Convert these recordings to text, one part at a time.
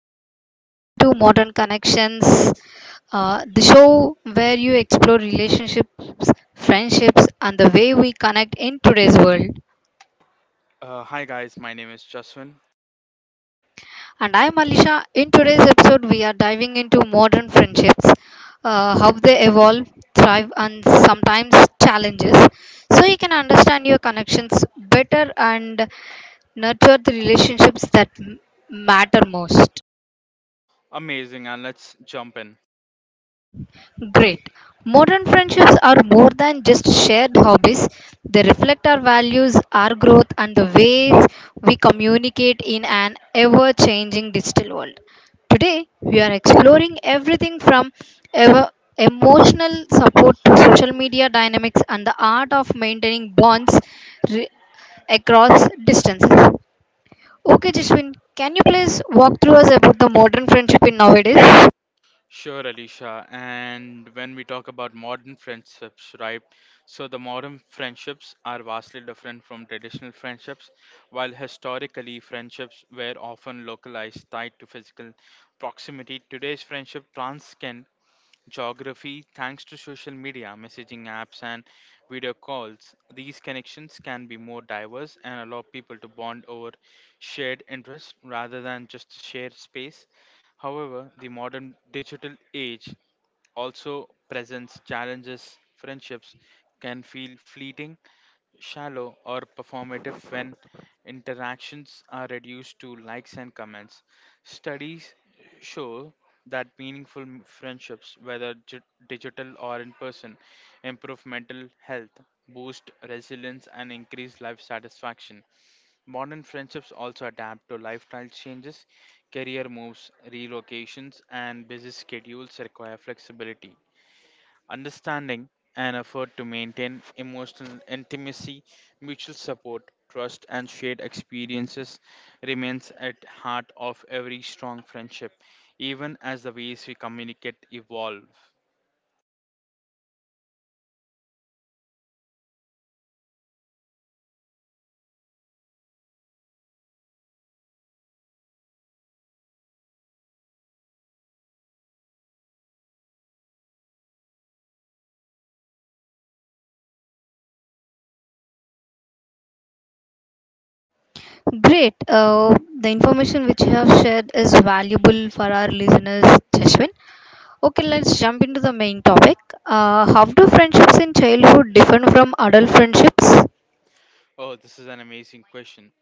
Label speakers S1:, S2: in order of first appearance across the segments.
S1: everybody. You're listening to Modern Connections, the show where you explore relationships, friendships, and the way we connect in today's world.
S2: Hi guys, my name is Jaswin.
S1: And I'm Alisha. In today's episode, we are diving into modern friendships, how they evolve, thrive, and sometimes challenges, so you can understand your connections better and nurture the relationships that matter most.
S2: Amazing, and let's jump in.
S1: Great. Modern friendships are more than just shared hobbies. They reflect our values, our growth, and the ways we communicate in an ever changing digital world. Today, we are exploring everything from ever emotional support to social media dynamics and the art of maintaining bonds re- across distances. Okay, Jishwin, can you please walk through us about the modern friendship in nowadays?
S2: Sure, Alicia. And when we talk about modern friendships, right? So the modern friendships are vastly different from traditional friendships, while historically friendships were often localized, tied to physical proximity. Today's friendship transcend geography thanks to social media, messaging apps, and video calls. These connections can be more diverse and allow people to bond over shared interests rather than just shared space. However, the modern digital age also presents challenges. Friendships can feel fleeting, shallow, or performative when interactions are reduced to likes and comments. Studies show that meaningful friendships, whether digital or in person, improve mental health, boost resilience, and increase life satisfaction. Modern friendships also adapt to lifestyle changes, career moves, relocations, and busy schedules require flexibility, understanding, and effort to maintain emotional intimacy, mutual support, trust, and shared experiences remains at heart of every strong friendship, even as the ways we communicate evolve.
S1: Great. The information which you have shared is valuable for our listeners, Jashwin. Okay, let's jump into the main topic. How do friendships in childhood differ from adult friendships?
S2: Oh, this is an amazing question.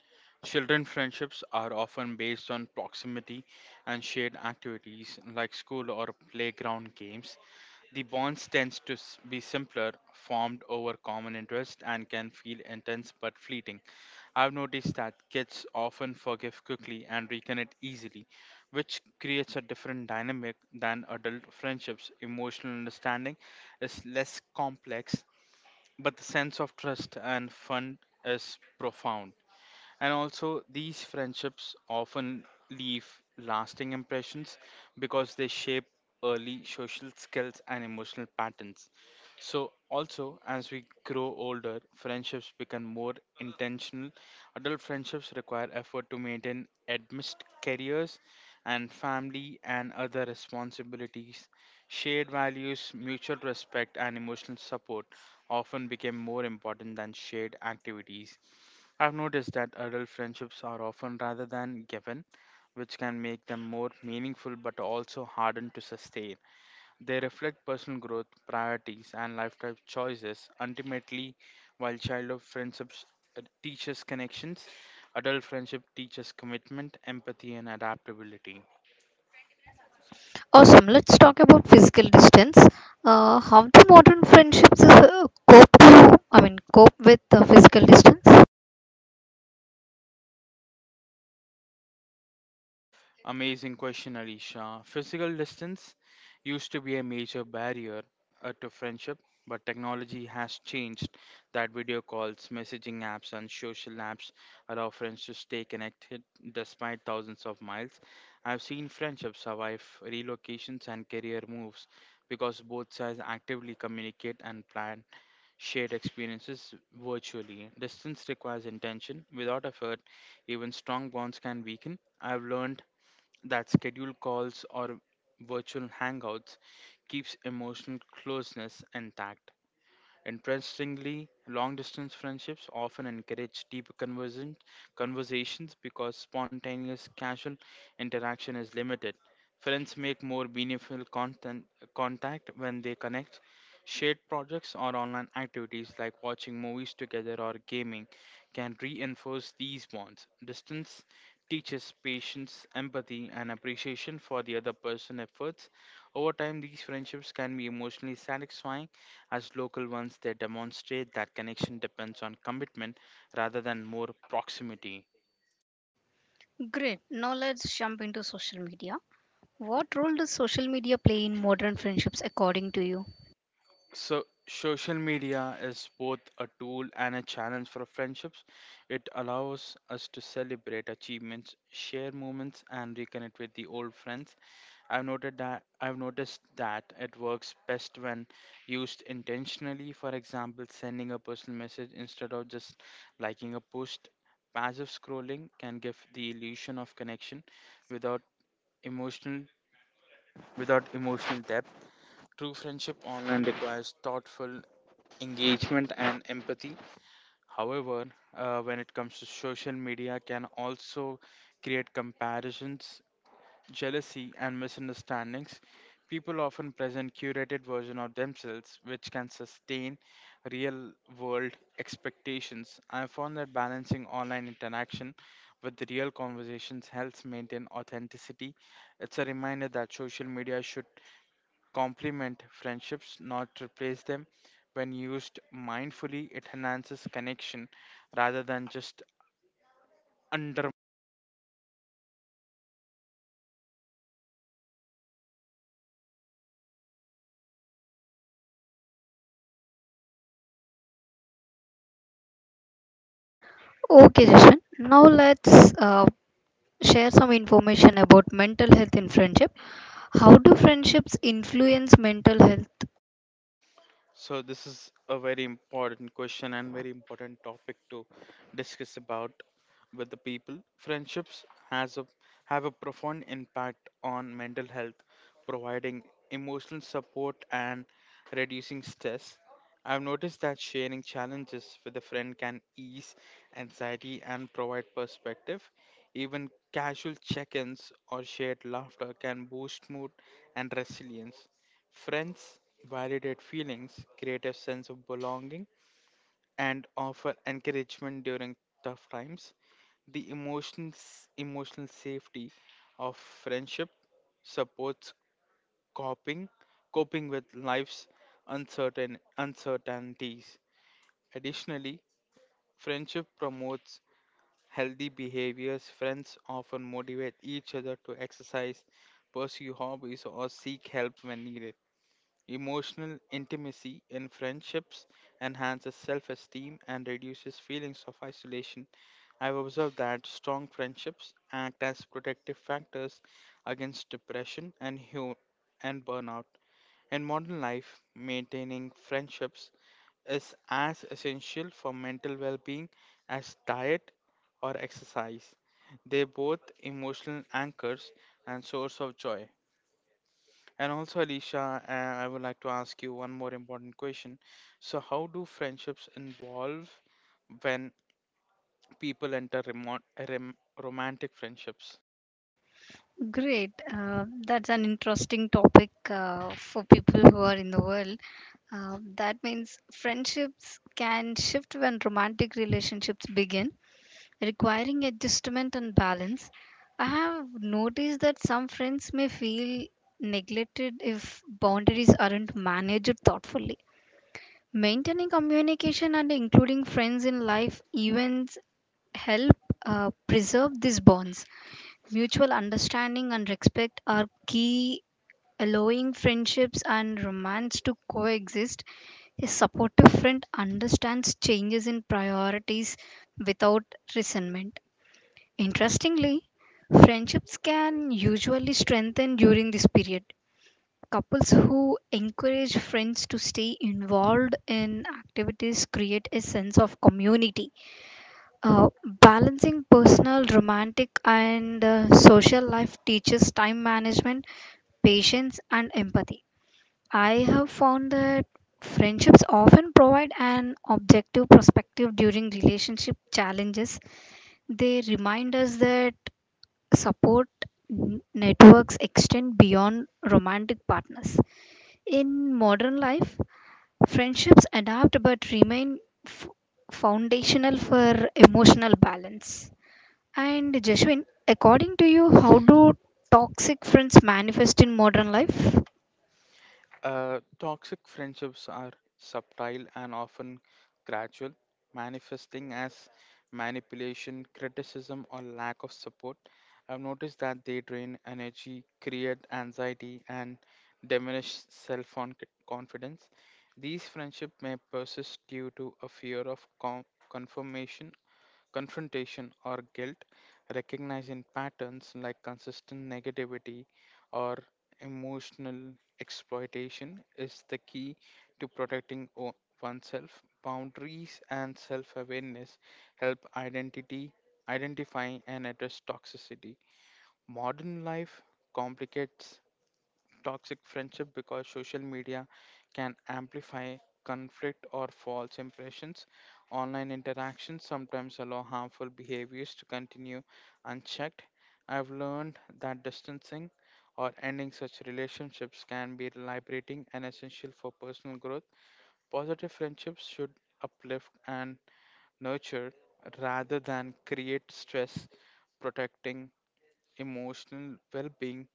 S2: Children friendships are often based on proximity and shared activities like school or playground games. The bonds tends to be simpler, formed over common interest and can feel intense but fleeting. I've noticed that kids often forgive quickly and reconnect easily, which creates a different dynamic than adult friendships. Emotional understanding is less complex, but the sense of trust and fun is profound. And also, these friendships often leave lasting impressions because they shape early social skills and emotional patterns. So, also, as we grow older, friendships become more intentional. Adult friendships require effort to maintain amidst careers and family and other responsibilities. Shared values, mutual respect, and emotional support often become more important than shared activities. I've noticed that adult friendships are often rather than given, which can make them more meaningful but also harder to sustain. They reflect personal growth, priorities, and lifestyle choices. Ultimately, while childhood friendships teach us connections, adult friendship teaches commitment, empathy, and adaptability.
S1: Awesome. Let's talk about physical distance. How do modern friendships cope to, I mean, cope with the physical distance?
S2: Amazing question, Alicia. Physical distance used to be a major barrier to friendship, but technology has changed that. Video calls, messaging apps, and social apps allow friends to stay connected despite thousands of miles. I've seen friendships survive relocations and career moves because both sides actively communicate and plan shared experiences virtually. Distance requires intention. Without effort, even strong bonds can weaken. I've learned that scheduled calls or virtual hangouts keeps emotional closeness intact. Interestingly, long distance friendships often encourage conversations because spontaneous casual interaction is limited. Friends make more contact when they connect. Shared projects or online activities like watching movies together or gaming can reinforce these bonds. Distance teaches patience, empathy, and appreciation for the other person's efforts. Over time, these friendships can be emotionally satisfying as local ones. They demonstrate that connection depends on commitment rather than more proximity.
S1: Great. Now let's jump into social media. What role does social media play in modern friendships according to you?
S2: So, social media is both a tool and a challenge for friendships. It allows us to celebrate achievements, share moments, and reconnect with the old friends. I've noticed that it works best when used intentionally. For example, sending a personal message instead of just liking a post. Passive scrolling can give the illusion of connection without emotional without emotional depth. True friendship online requires thoughtful engagement and empathy. However, when it comes to social media, can also create comparisons, jealousy, and misunderstandings. People often present curated version of themselves, which can sustain real-world expectations. I have found that balancing online interaction with the real conversations helps maintain authenticity. It's a reminder that social media should complement friendships, not replace them. When used mindfully, it enhances connection rather than just.
S1: Okay, Jashan. Now let's share some information about mental health in friendship. How do friendships influence mental health?
S2: So this is a very important question and very important topic to discuss about with the people. Friendships has a have a profound impact on mental health, providing emotional support and reducing stress. I've noticed that sharing challenges with a friend can ease anxiety and provide perspective. Even casual check-ins or shared laughter can boost mood and resilience. Friends validate feelings, create a sense of belonging, and offer encouragement during tough times. The emotional safety of friendship supports coping, coping with life's uncertainties. Additionally, friendship promotes healthy behaviors. Friends often motivate each other to exercise, pursue hobbies, or seek help when needed. Emotional intimacy in friendships enhances self esteem and reduces feelings of isolation. I've observed that strong friendships act as protective factors against depression and burnout. In modern life, maintaining friendships is as essential for mental well being as diet or exercise. They're both emotional anchors and source of joy. And also, Alicia, I would like to ask you one more important question. So, how do friendships evolve when people enter rem- romantic friendships?
S1: Great. That's an interesting topic for people who are in the world. That means friendships can shift when romantic relationships begin, requiring adjustment and balance. I have noticed that some friends may feel neglected if boundaries aren't managed thoughtfully. Maintaining communication and including friends in life events help preserve these bonds. Mutual understanding and respect are key, allowing friendships and romance to coexist. A supportive friend understands changes in priorities without resentment. Interestingly, friendships can usually strengthen during this period. Couples who encourage friends to stay involved in activities create a sense of community. Uh, Balancing personal, romantic, and social life teaches time management, patience, and empathy. I have found that friendships often provide an objective perspective during relationship challenges. They remind us that support networks extend beyond romantic partners. In modern life, friendships adapt but remain f- foundational for emotional balance. And Jashwin, according to you, how do toxic friends manifest in modern life?
S2: Toxic friendships are subtle and often gradual, manifesting as manipulation, criticism, or lack of support. I've noticed that they drain energy, create anxiety, and diminish self confidence. These friendships may persist due to a fear of con- confirmation confrontation or guilt, recognizing patterns like consistent negativity or emotional exploitation is the key to protecting oneself. Boundaries and self-awareness help identity identify and address toxicity. Modern life complicates toxic friendship because social media can amplify conflict or false impressions. Online interactions sometimes allow harmful behaviors to continue unchecked. I've learned that distancing or ending such relationships can be liberating and essential for personal growth. Positive friendships should uplift and nurture rather than create stress, protecting emotional well being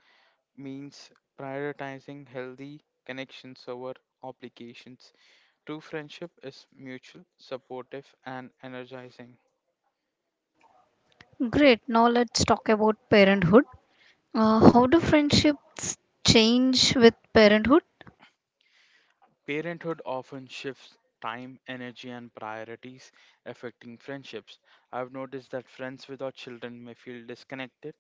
S2: means prioritizing healthy connections over obligations. True friendship is mutual, supportive, and energizing.
S1: Great, now let's talk about parenthood. How do friendship change with parenthood?
S2: Parenthood often shifts time, energy, and priorities, affecting friendships. I've noticed that friends without children may feel disconnected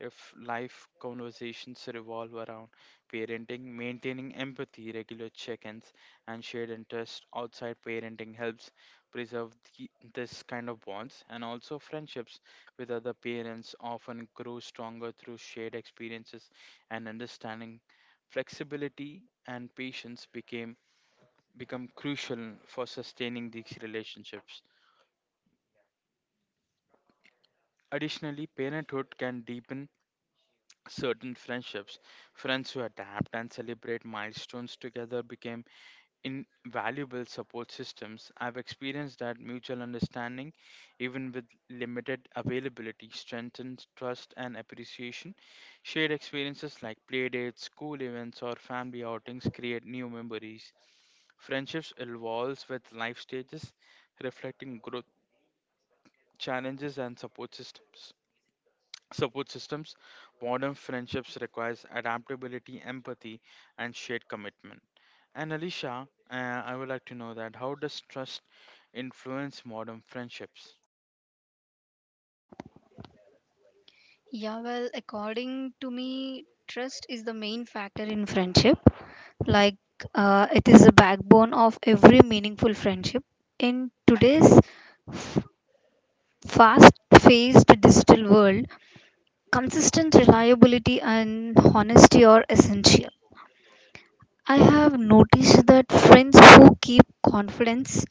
S2: if life conversations revolve around parenting, maintaining empathy, regular check ins, and shared interests outside parenting helps preserve the, this kind of bonds. And also, friendships with other parents often grow stronger through shared experiences and understanding. Flexibility and patience became become crucial for sustaining these relationships. Additionally, parenthood can deepen certain friendships. Friends who adapt and celebrate milestones together become invaluable support systems. I've experienced that mutual understanding, even with limited availability, strengthens trust and appreciation. Shared experiences like playdates, school events, or family outings create new memories. Friendships evolves with life stages, reflecting growth, challenges, and support systems modern friendships requires adaptability, empathy, and shared commitment. And Alicia, I would like to know that how does trust influence modern friendships?
S1: Yeah, well, according to me, trust is the main factor in friendship. Like, it is the backbone of every meaningful friendship. In today's f- fast paced digital world, consistent reliability and honesty are essential. I have noticed that friends who keep confidence,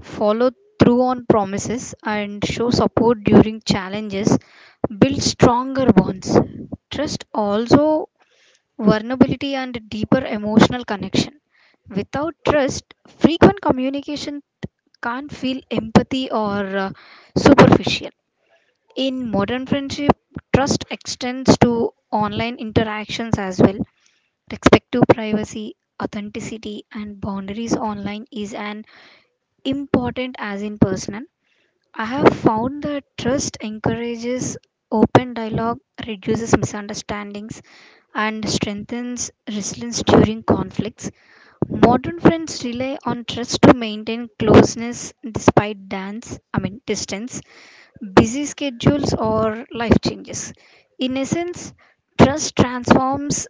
S1: follow through on promises, and show support during challenges build stronger bonds. Trust also vulnerability and deeper emotional connection. Without trust, frequent communication can't feel empathy or superficial. In modern friendship, trust extends to online interactions as well. Respect to privacy, authenticity, and boundaries online is an important as in personal. I have found that trust encourages open dialogue, reduces misunderstandings, and strengthens resilience during conflicts. Modern friends rely on trust to maintain closeness despite dance, I mean distance, busy schedules or life changes. In essence, trust transforms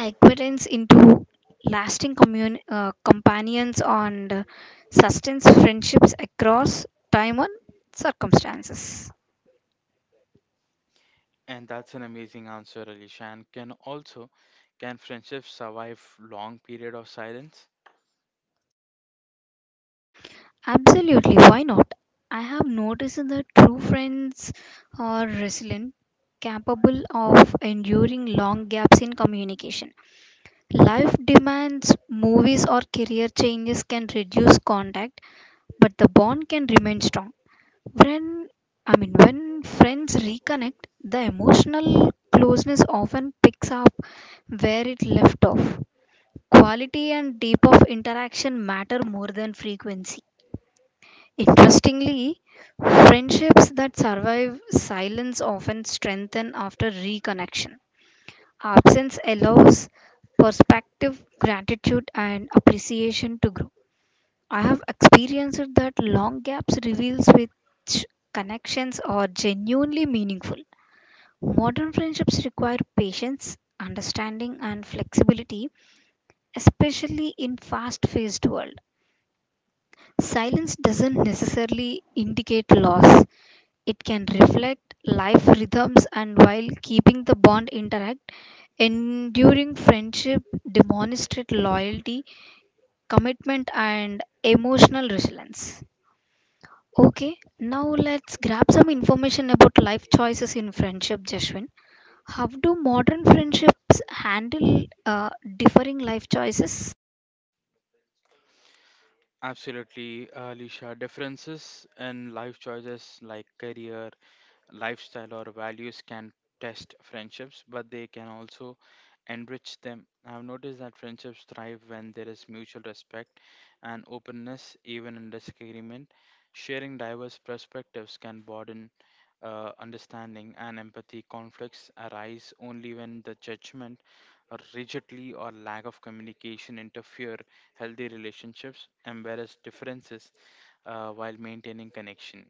S1: equivalence into lasting companions and sustains friendships across time and circumstances.
S2: And that's an amazing answer, Alicia. And can also Can friendships survive long period of silence?
S1: Absolutely, why not? I have noticed that true friends are resilient, capable of enduring long gaps in communication. Life demands, movies, or career changes can reduce contact, but the bond can remain strong. When I mean when friends reconnect, the emotional closeness often picks up where it left off. Quality and depth of interaction matter more than frequency. Interestingly, friendships that survive silence often strengthen after reconnection. Absence allows perspective, gratitude, and appreciation to grow. I have experienced that long gaps reveals which connections are genuinely meaningful. Modern friendships require patience, understanding and flexibility, especially in fast-paced world. Silence doesn't necessarily indicate loss. It can reflect life rhythms and while keeping the bond intact, enduring friendship demonstrate loyalty, commitment and emotional resilience. Okay, now let's grab some information about life choices in friendship, Jeshwin. How do modern friendships handle differing life choices?
S2: Absolutely. Alicia, differences in life choices like career, lifestyle, or values can test friendships, but they can also enrich them. I've noticed that friendships thrive when there is mutual respect and openness, even in disagreement. Sharing diverse perspectives can broaden understanding and empathy. Conflicts arise only when the judgment, or rigidly, or lack of communication interfere healthy relationships, embarrass differences while maintaining connection.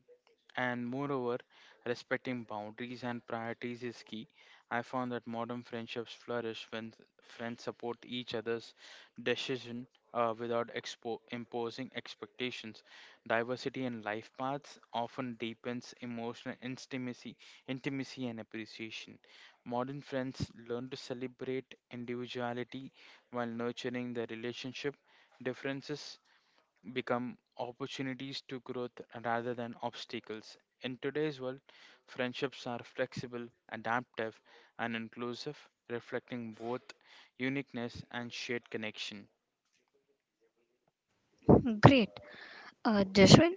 S2: And moreover, respecting boundaries and priorities is key. I found that modern friendships flourish when friends support each other's decision without imposing expectations. Diversity in life paths often deepens emotional intimacy and appreciation. Modern friends learn to celebrate individuality while nurturing their relationship, differences become opportunities to growth rather than obstacles. In today's world, friendships are flexible, adaptive, and inclusive, reflecting both uniqueness and shared connection.
S1: Great. Jeshwin,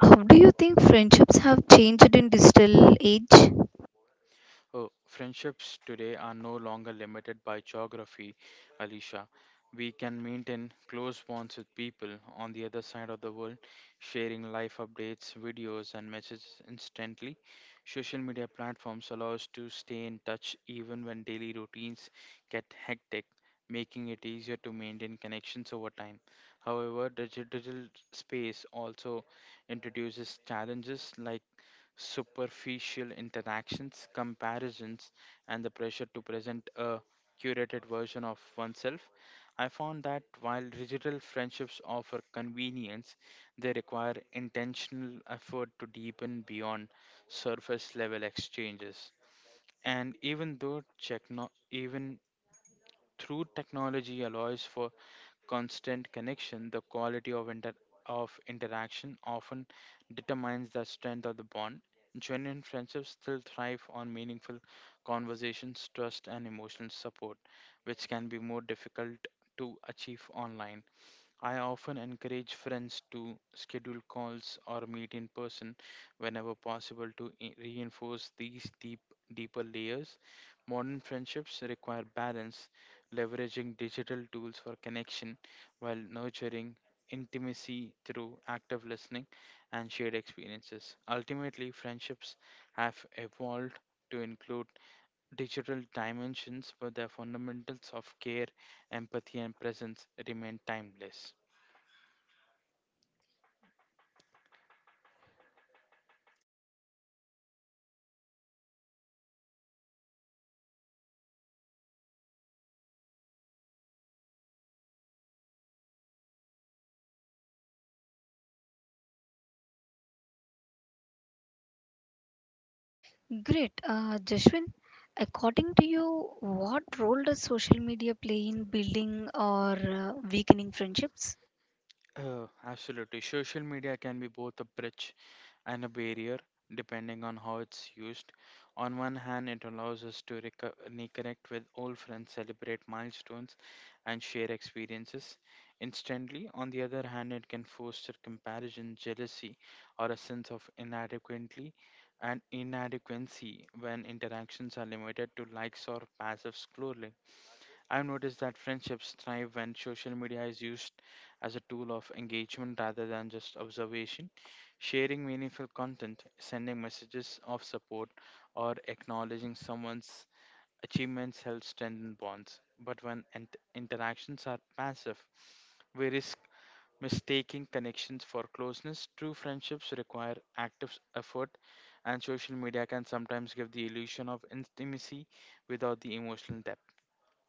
S1: how do you think friendships have changed in digital age?
S2: Oh, friendships today are no longer limited by geography, Alicia. We can maintain close bonds with people on the other side of the world, sharing life updates, videos, and messages instantly. Social media platforms allow us to stay in touch even when daily routines get hectic, making it easier to maintain connections over time. However, digital space also introduces challenges like superficial interactions, comparisons, and the pressure to present a curated version of oneself. I found that while digital friendships offer convenience, they require intentional effort to deepen beyond surface level exchanges. And even though techno- Even through technology allows for constant connection, the quality of of interaction often determines the strength of the bond. Genuine friendships still thrive on meaningful conversations, trust, and emotional support, which can be more difficult to achieve online. I often encourage friends to schedule calls or meet in person whenever possible to reinforce these deeper layers. Modern friendships require balance, leveraging digital tools for connection while nurturing intimacy through active listening and shared experiences. Ultimately, friendships have evolved to include digital dimensions, but their fundamentals of care, empathy, and presence remain timeless.
S1: Great. Jeshwin, according to you, what role does social media play in building or weakening friendships?
S2: Absolutely. Social media can be both a bridge and a barrier depending on how it's used. On one hand, it allows us to reconnect with old friends, celebrate milestones, and share experiences instantly. On the other hand, it can foster comparison, jealousy, or a sense of inadequately and inadequacy when interactions are limited to likes or passive scrolling. I've noticed that friendships thrive when social media is used as a tool of engagement rather than just observation. Sharing meaningful content, sending messages of support, or acknowledging someone's achievements helps strengthen bonds. But when interactions are passive, we risk mistaking connections for closeness. True friendships require active effort, and social media can sometimes give the illusion of intimacy without the emotional depth.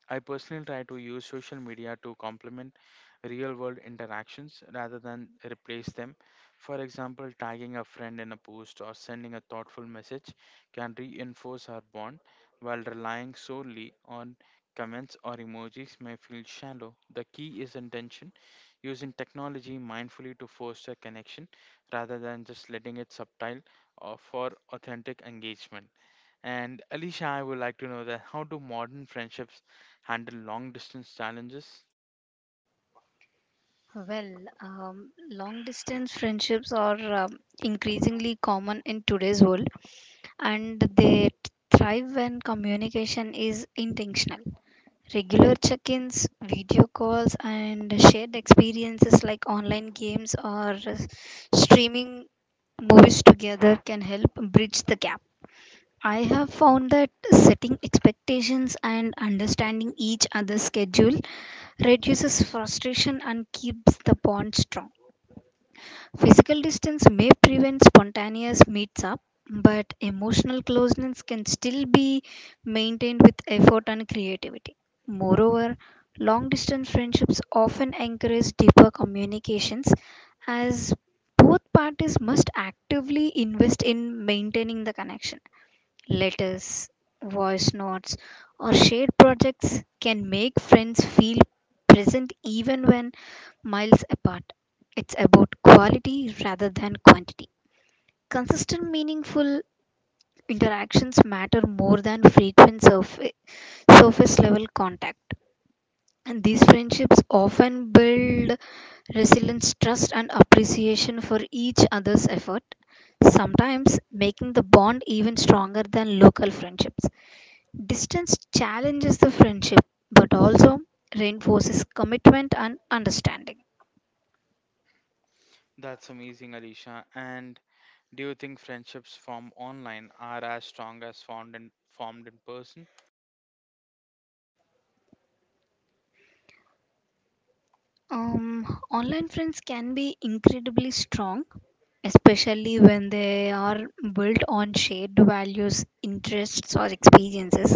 S2: I personally try to use social media to complement real world interactions rather than replace them. For example, tagging a friend in a post or sending a thoughtful message can reinforce our bond, while relying solely on comments or emojis may feel shallow. The key is intention, using technology mindfully to foster connection rather than just letting it subtle or for authentic engagement. And Alicia, I would like to know that how do modern friendships handle long distance challenges?
S1: Well, long distance friendships are increasingly common in today's world, and they thrive when communication is intentional. Regular check ins, video calls, and shared experiences like online games or streaming movies together can help bridge the gap. I have found that setting expectations and understanding each other's schedule reduces frustration and keeps the bond strong. Physical distance may prevent spontaneous meets up, but emotional closeness can still be maintained with effort and creativity. Moreover, long distance friendships often encourage deeper communications as both parties must actively invest in maintaining the connection. Letters, voice notes, or shared projects can make friends feel present even when miles apart. It's about quality rather than quantity. Consistent, meaningful interactions matter more than frequent surface level contact. And these friendships often build resilience, trust, and appreciation for each other's effort, sometimes making the bond even stronger than local friendships. Distance challenges the friendship but also reinforces commitment and understanding.
S2: That's amazing, Alicia. And do you think friendships formed online are as strong as formed in person?
S1: Online friends can be incredibly strong, especially when they are built on shared values, interests, or experiences.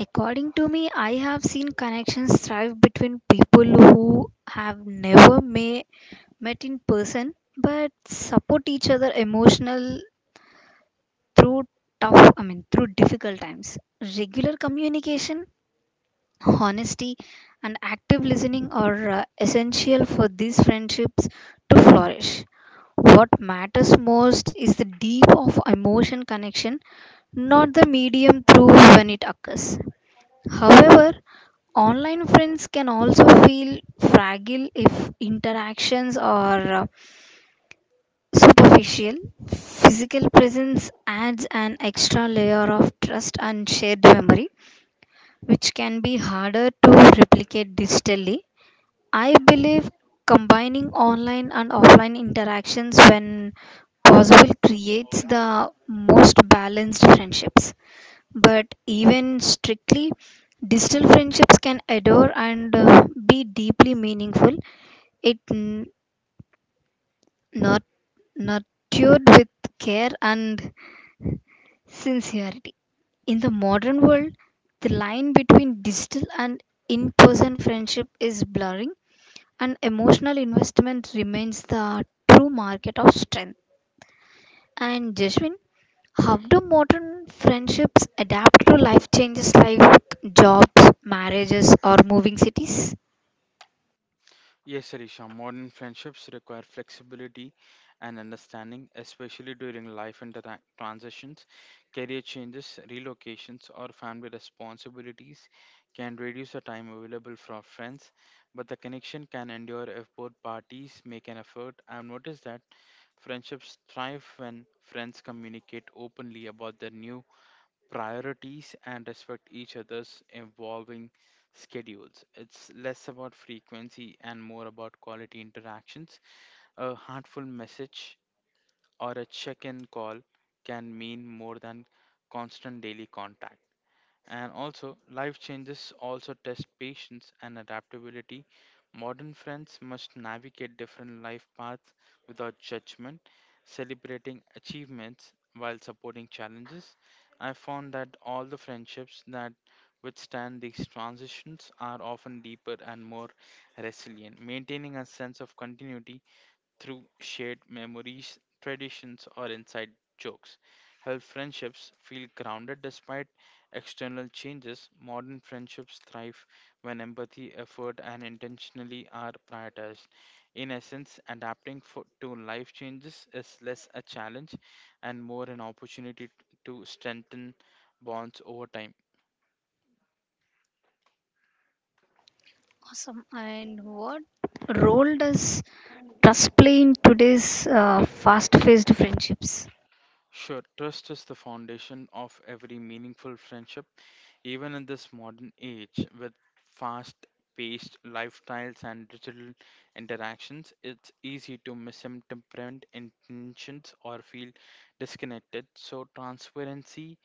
S1: According to me, I have seen connections thrive between people who have never may, met in person but support each other emotional through through difficult times. Regular communication, honesty, and active listening are essential for these friendships to flourish. What matters most is the deep of emotion connection, not the medium through when it occurs. However, online friends can also feel fragile if interactions are superficial. Physical presence adds an extra layer of trust and shared memory, which can be harder to replicate digitally. I believe combining online and offline interactions when possible creates the most balanced friendships. But even strictly, digital friendships can adore and be deeply meaningful. It Not, Nurtured with care and sincerity. In the modern world, the line between digital and in person friendship is blurring, and emotional investment remains the true market of strength. And Jasmine, how do modern friendships adapt to life changes like jobs, marriages, or moving cities?
S2: Yes, Arisha, modern friendships require flexibility and understanding, especially during life and transitions. Career changes, relocations, or family responsibilities can reduce the time available for friends, but the connection can endure if both parties make an effort. I've noticed that friendships thrive when friends communicate openly about their new priorities and respect each other's evolving schedules. It's less about frequency and more about quality interactions. A heartful message or a check in call can mean more than constant daily contact. And also, life changes also test patience and adaptability. Modern friends must navigate different life paths without judgment, celebrating achievements while supporting challenges. I found that all the friendships that withstand these transitions are often deeper and more resilient. Maintaining a sense of continuity through shared memories, traditions, or inside jokes. Help friendships feel grounded despite external changes. Modern friendships thrive when empathy, effort, and intentionally are prioritized. In essence, adapting to life changes is less a challenge and more an opportunity to strengthen bonds over time.
S1: Awesome. And what role does trust play in today's fast paced friendships?
S2: Sure, trust is the foundation of every meaningful friendship, even in this modern age with fast paced lifestyles and digital interactions. It's easy to misinterpret intentions or feel disconnected, so transparency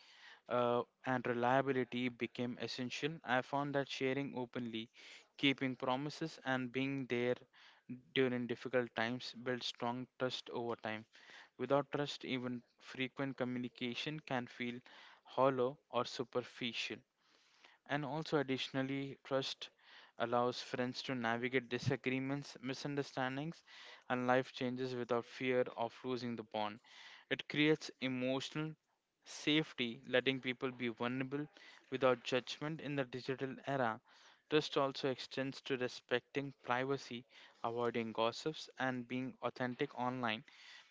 S2: and reliability became essential. I found that sharing openly, keeping promises, and being there during difficult times build strong trust over time. Without trust, even frequent communication can feel hollow or superficial. And also, additionally, trust allows friends to navigate disagreements, misunderstandings, and life changes without fear of losing the bond. It creates emotional safety, letting people be vulnerable without judgment in the digital era. Trust also extends to respecting privacy, avoiding gossips, and being authentic online.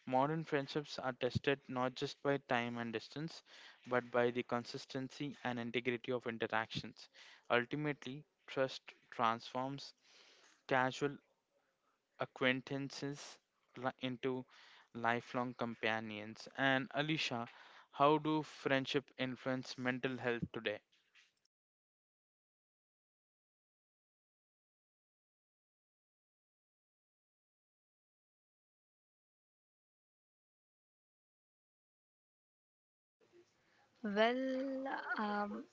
S2: Modern friendships are tested not just by time and distance but by the consistency and integrity of interactions. Ultimately, trust transforms casual acquaintances into lifelong companions. And Alicia, how do friendship influence mental health today?
S1: Well, um,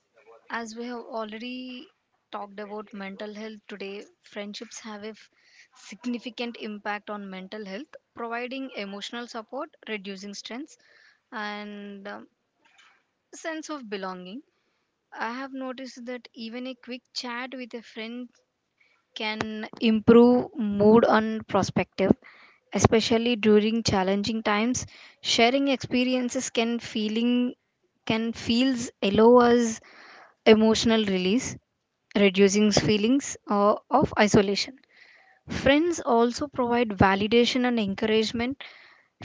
S1: as we have already talked about mental health today, friendships have a significant impact on mental health, providing emotional support, reducing stress, and sense of belonging. I have noticed that even a quick chat with a friend can improve mood and perspective, especially during challenging times. Sharing experiences can feeling can feels allow us emotional release, reducing feelings of isolation. Friends also provide validation and encouragement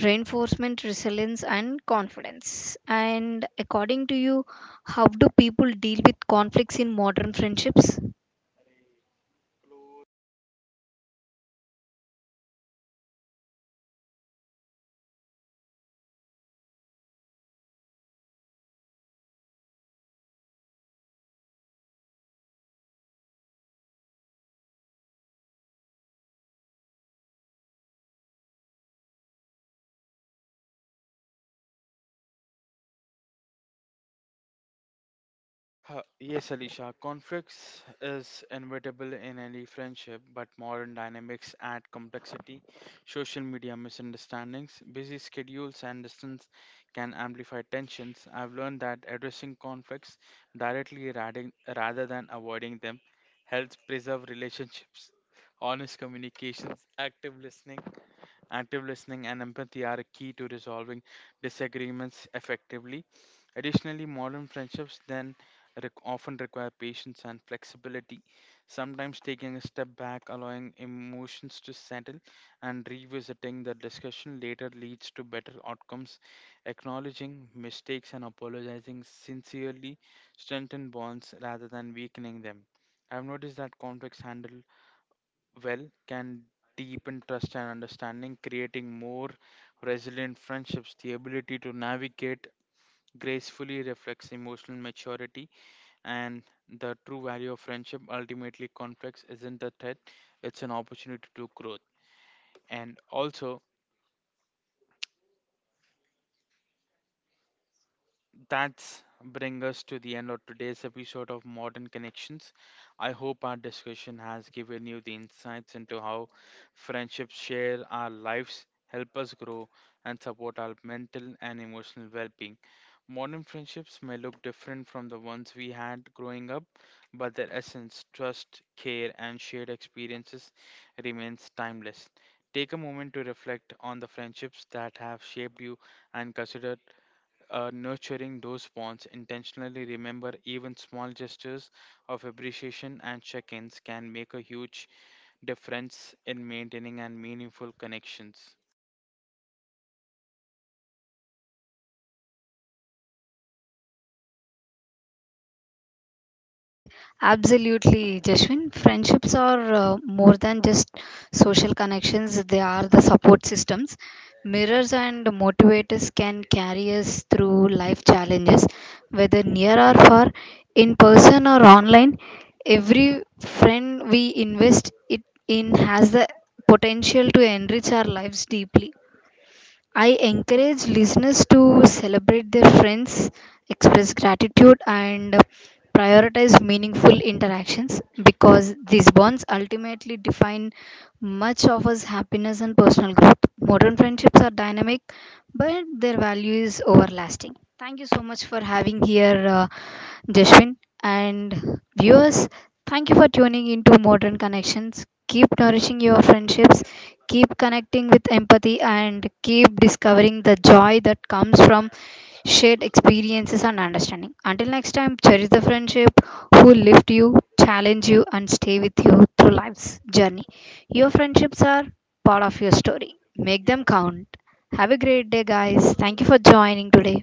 S1: reinforcement resilience and confidence. And according to you, how do people deal with conflicts in modern friendships?
S2: Yes, Alicia, conflicts is inevitable in any friendship, but modern dynamics add complexity. Social media misunderstandings, busy schedules, and distance can amplify tensions. I've learned that addressing conflicts directly rather, rather than avoiding them helps preserve relationships. Honest communications, active listening, active listening and empathy are key to resolving disagreements effectively. Additionally, modern friendships then often require patience and flexibility, sometimes taking a step back, allowing emotions to settle, and revisiting the discussion later leads to better outcomes. Acknowledging mistakes and apologizing sincerely strengthen bonds rather than weakening them. I've noticed that conflicts handled well can deepen trust and understanding, creating more resilient friendships. The ability to navigate gracefully reflects emotional maturity and the true value of friendship. Ultimately, conflicts isn't a threat, it's an opportunity to growth. And also, that's bring us to the end of today's episode of Modern Connections. I hope our discussion has given you the insights into how friendships share our lives, help us grow, and support our mental and emotional well-being. Modern friendships may look different from the ones we had growing up, but their essence, trust, care, and shared experiences remains timeless. Take a moment to reflect on the friendships that have shaped you and consider nurturing those bonds intentionally remember even small gestures of appreciation and check-ins can make a huge difference in maintaining and meaningful connections
S1: Eh, Absolutely, Jashwin. Friendships are more than just social connections, they are the support systems. Mirrors and motivators can carry us through life challenges, whether near or far, in person or online. Every friend we invest it in has the potential to enrich our lives deeply. I encourage listeners to celebrate their friends, express gratitude, and prioritize meaningful interactions because these bonds ultimately define much of us happiness and personal growth. Modern friendships are dynamic, but their value is everlasting. Thank you so much for having here Jashwin, and viewers. Thank you for tuning into Modern Connections. Keep nourishing your friendships, keep connecting with empathy, and keep discovering the joy that comes from shared experiences and understanding. Until next time, cherish the friendship who lift you, challenge you, and stay with you through life's journey. Your friendships are part of your story. Make them count. Have a great day, guys. Thank you for joining today.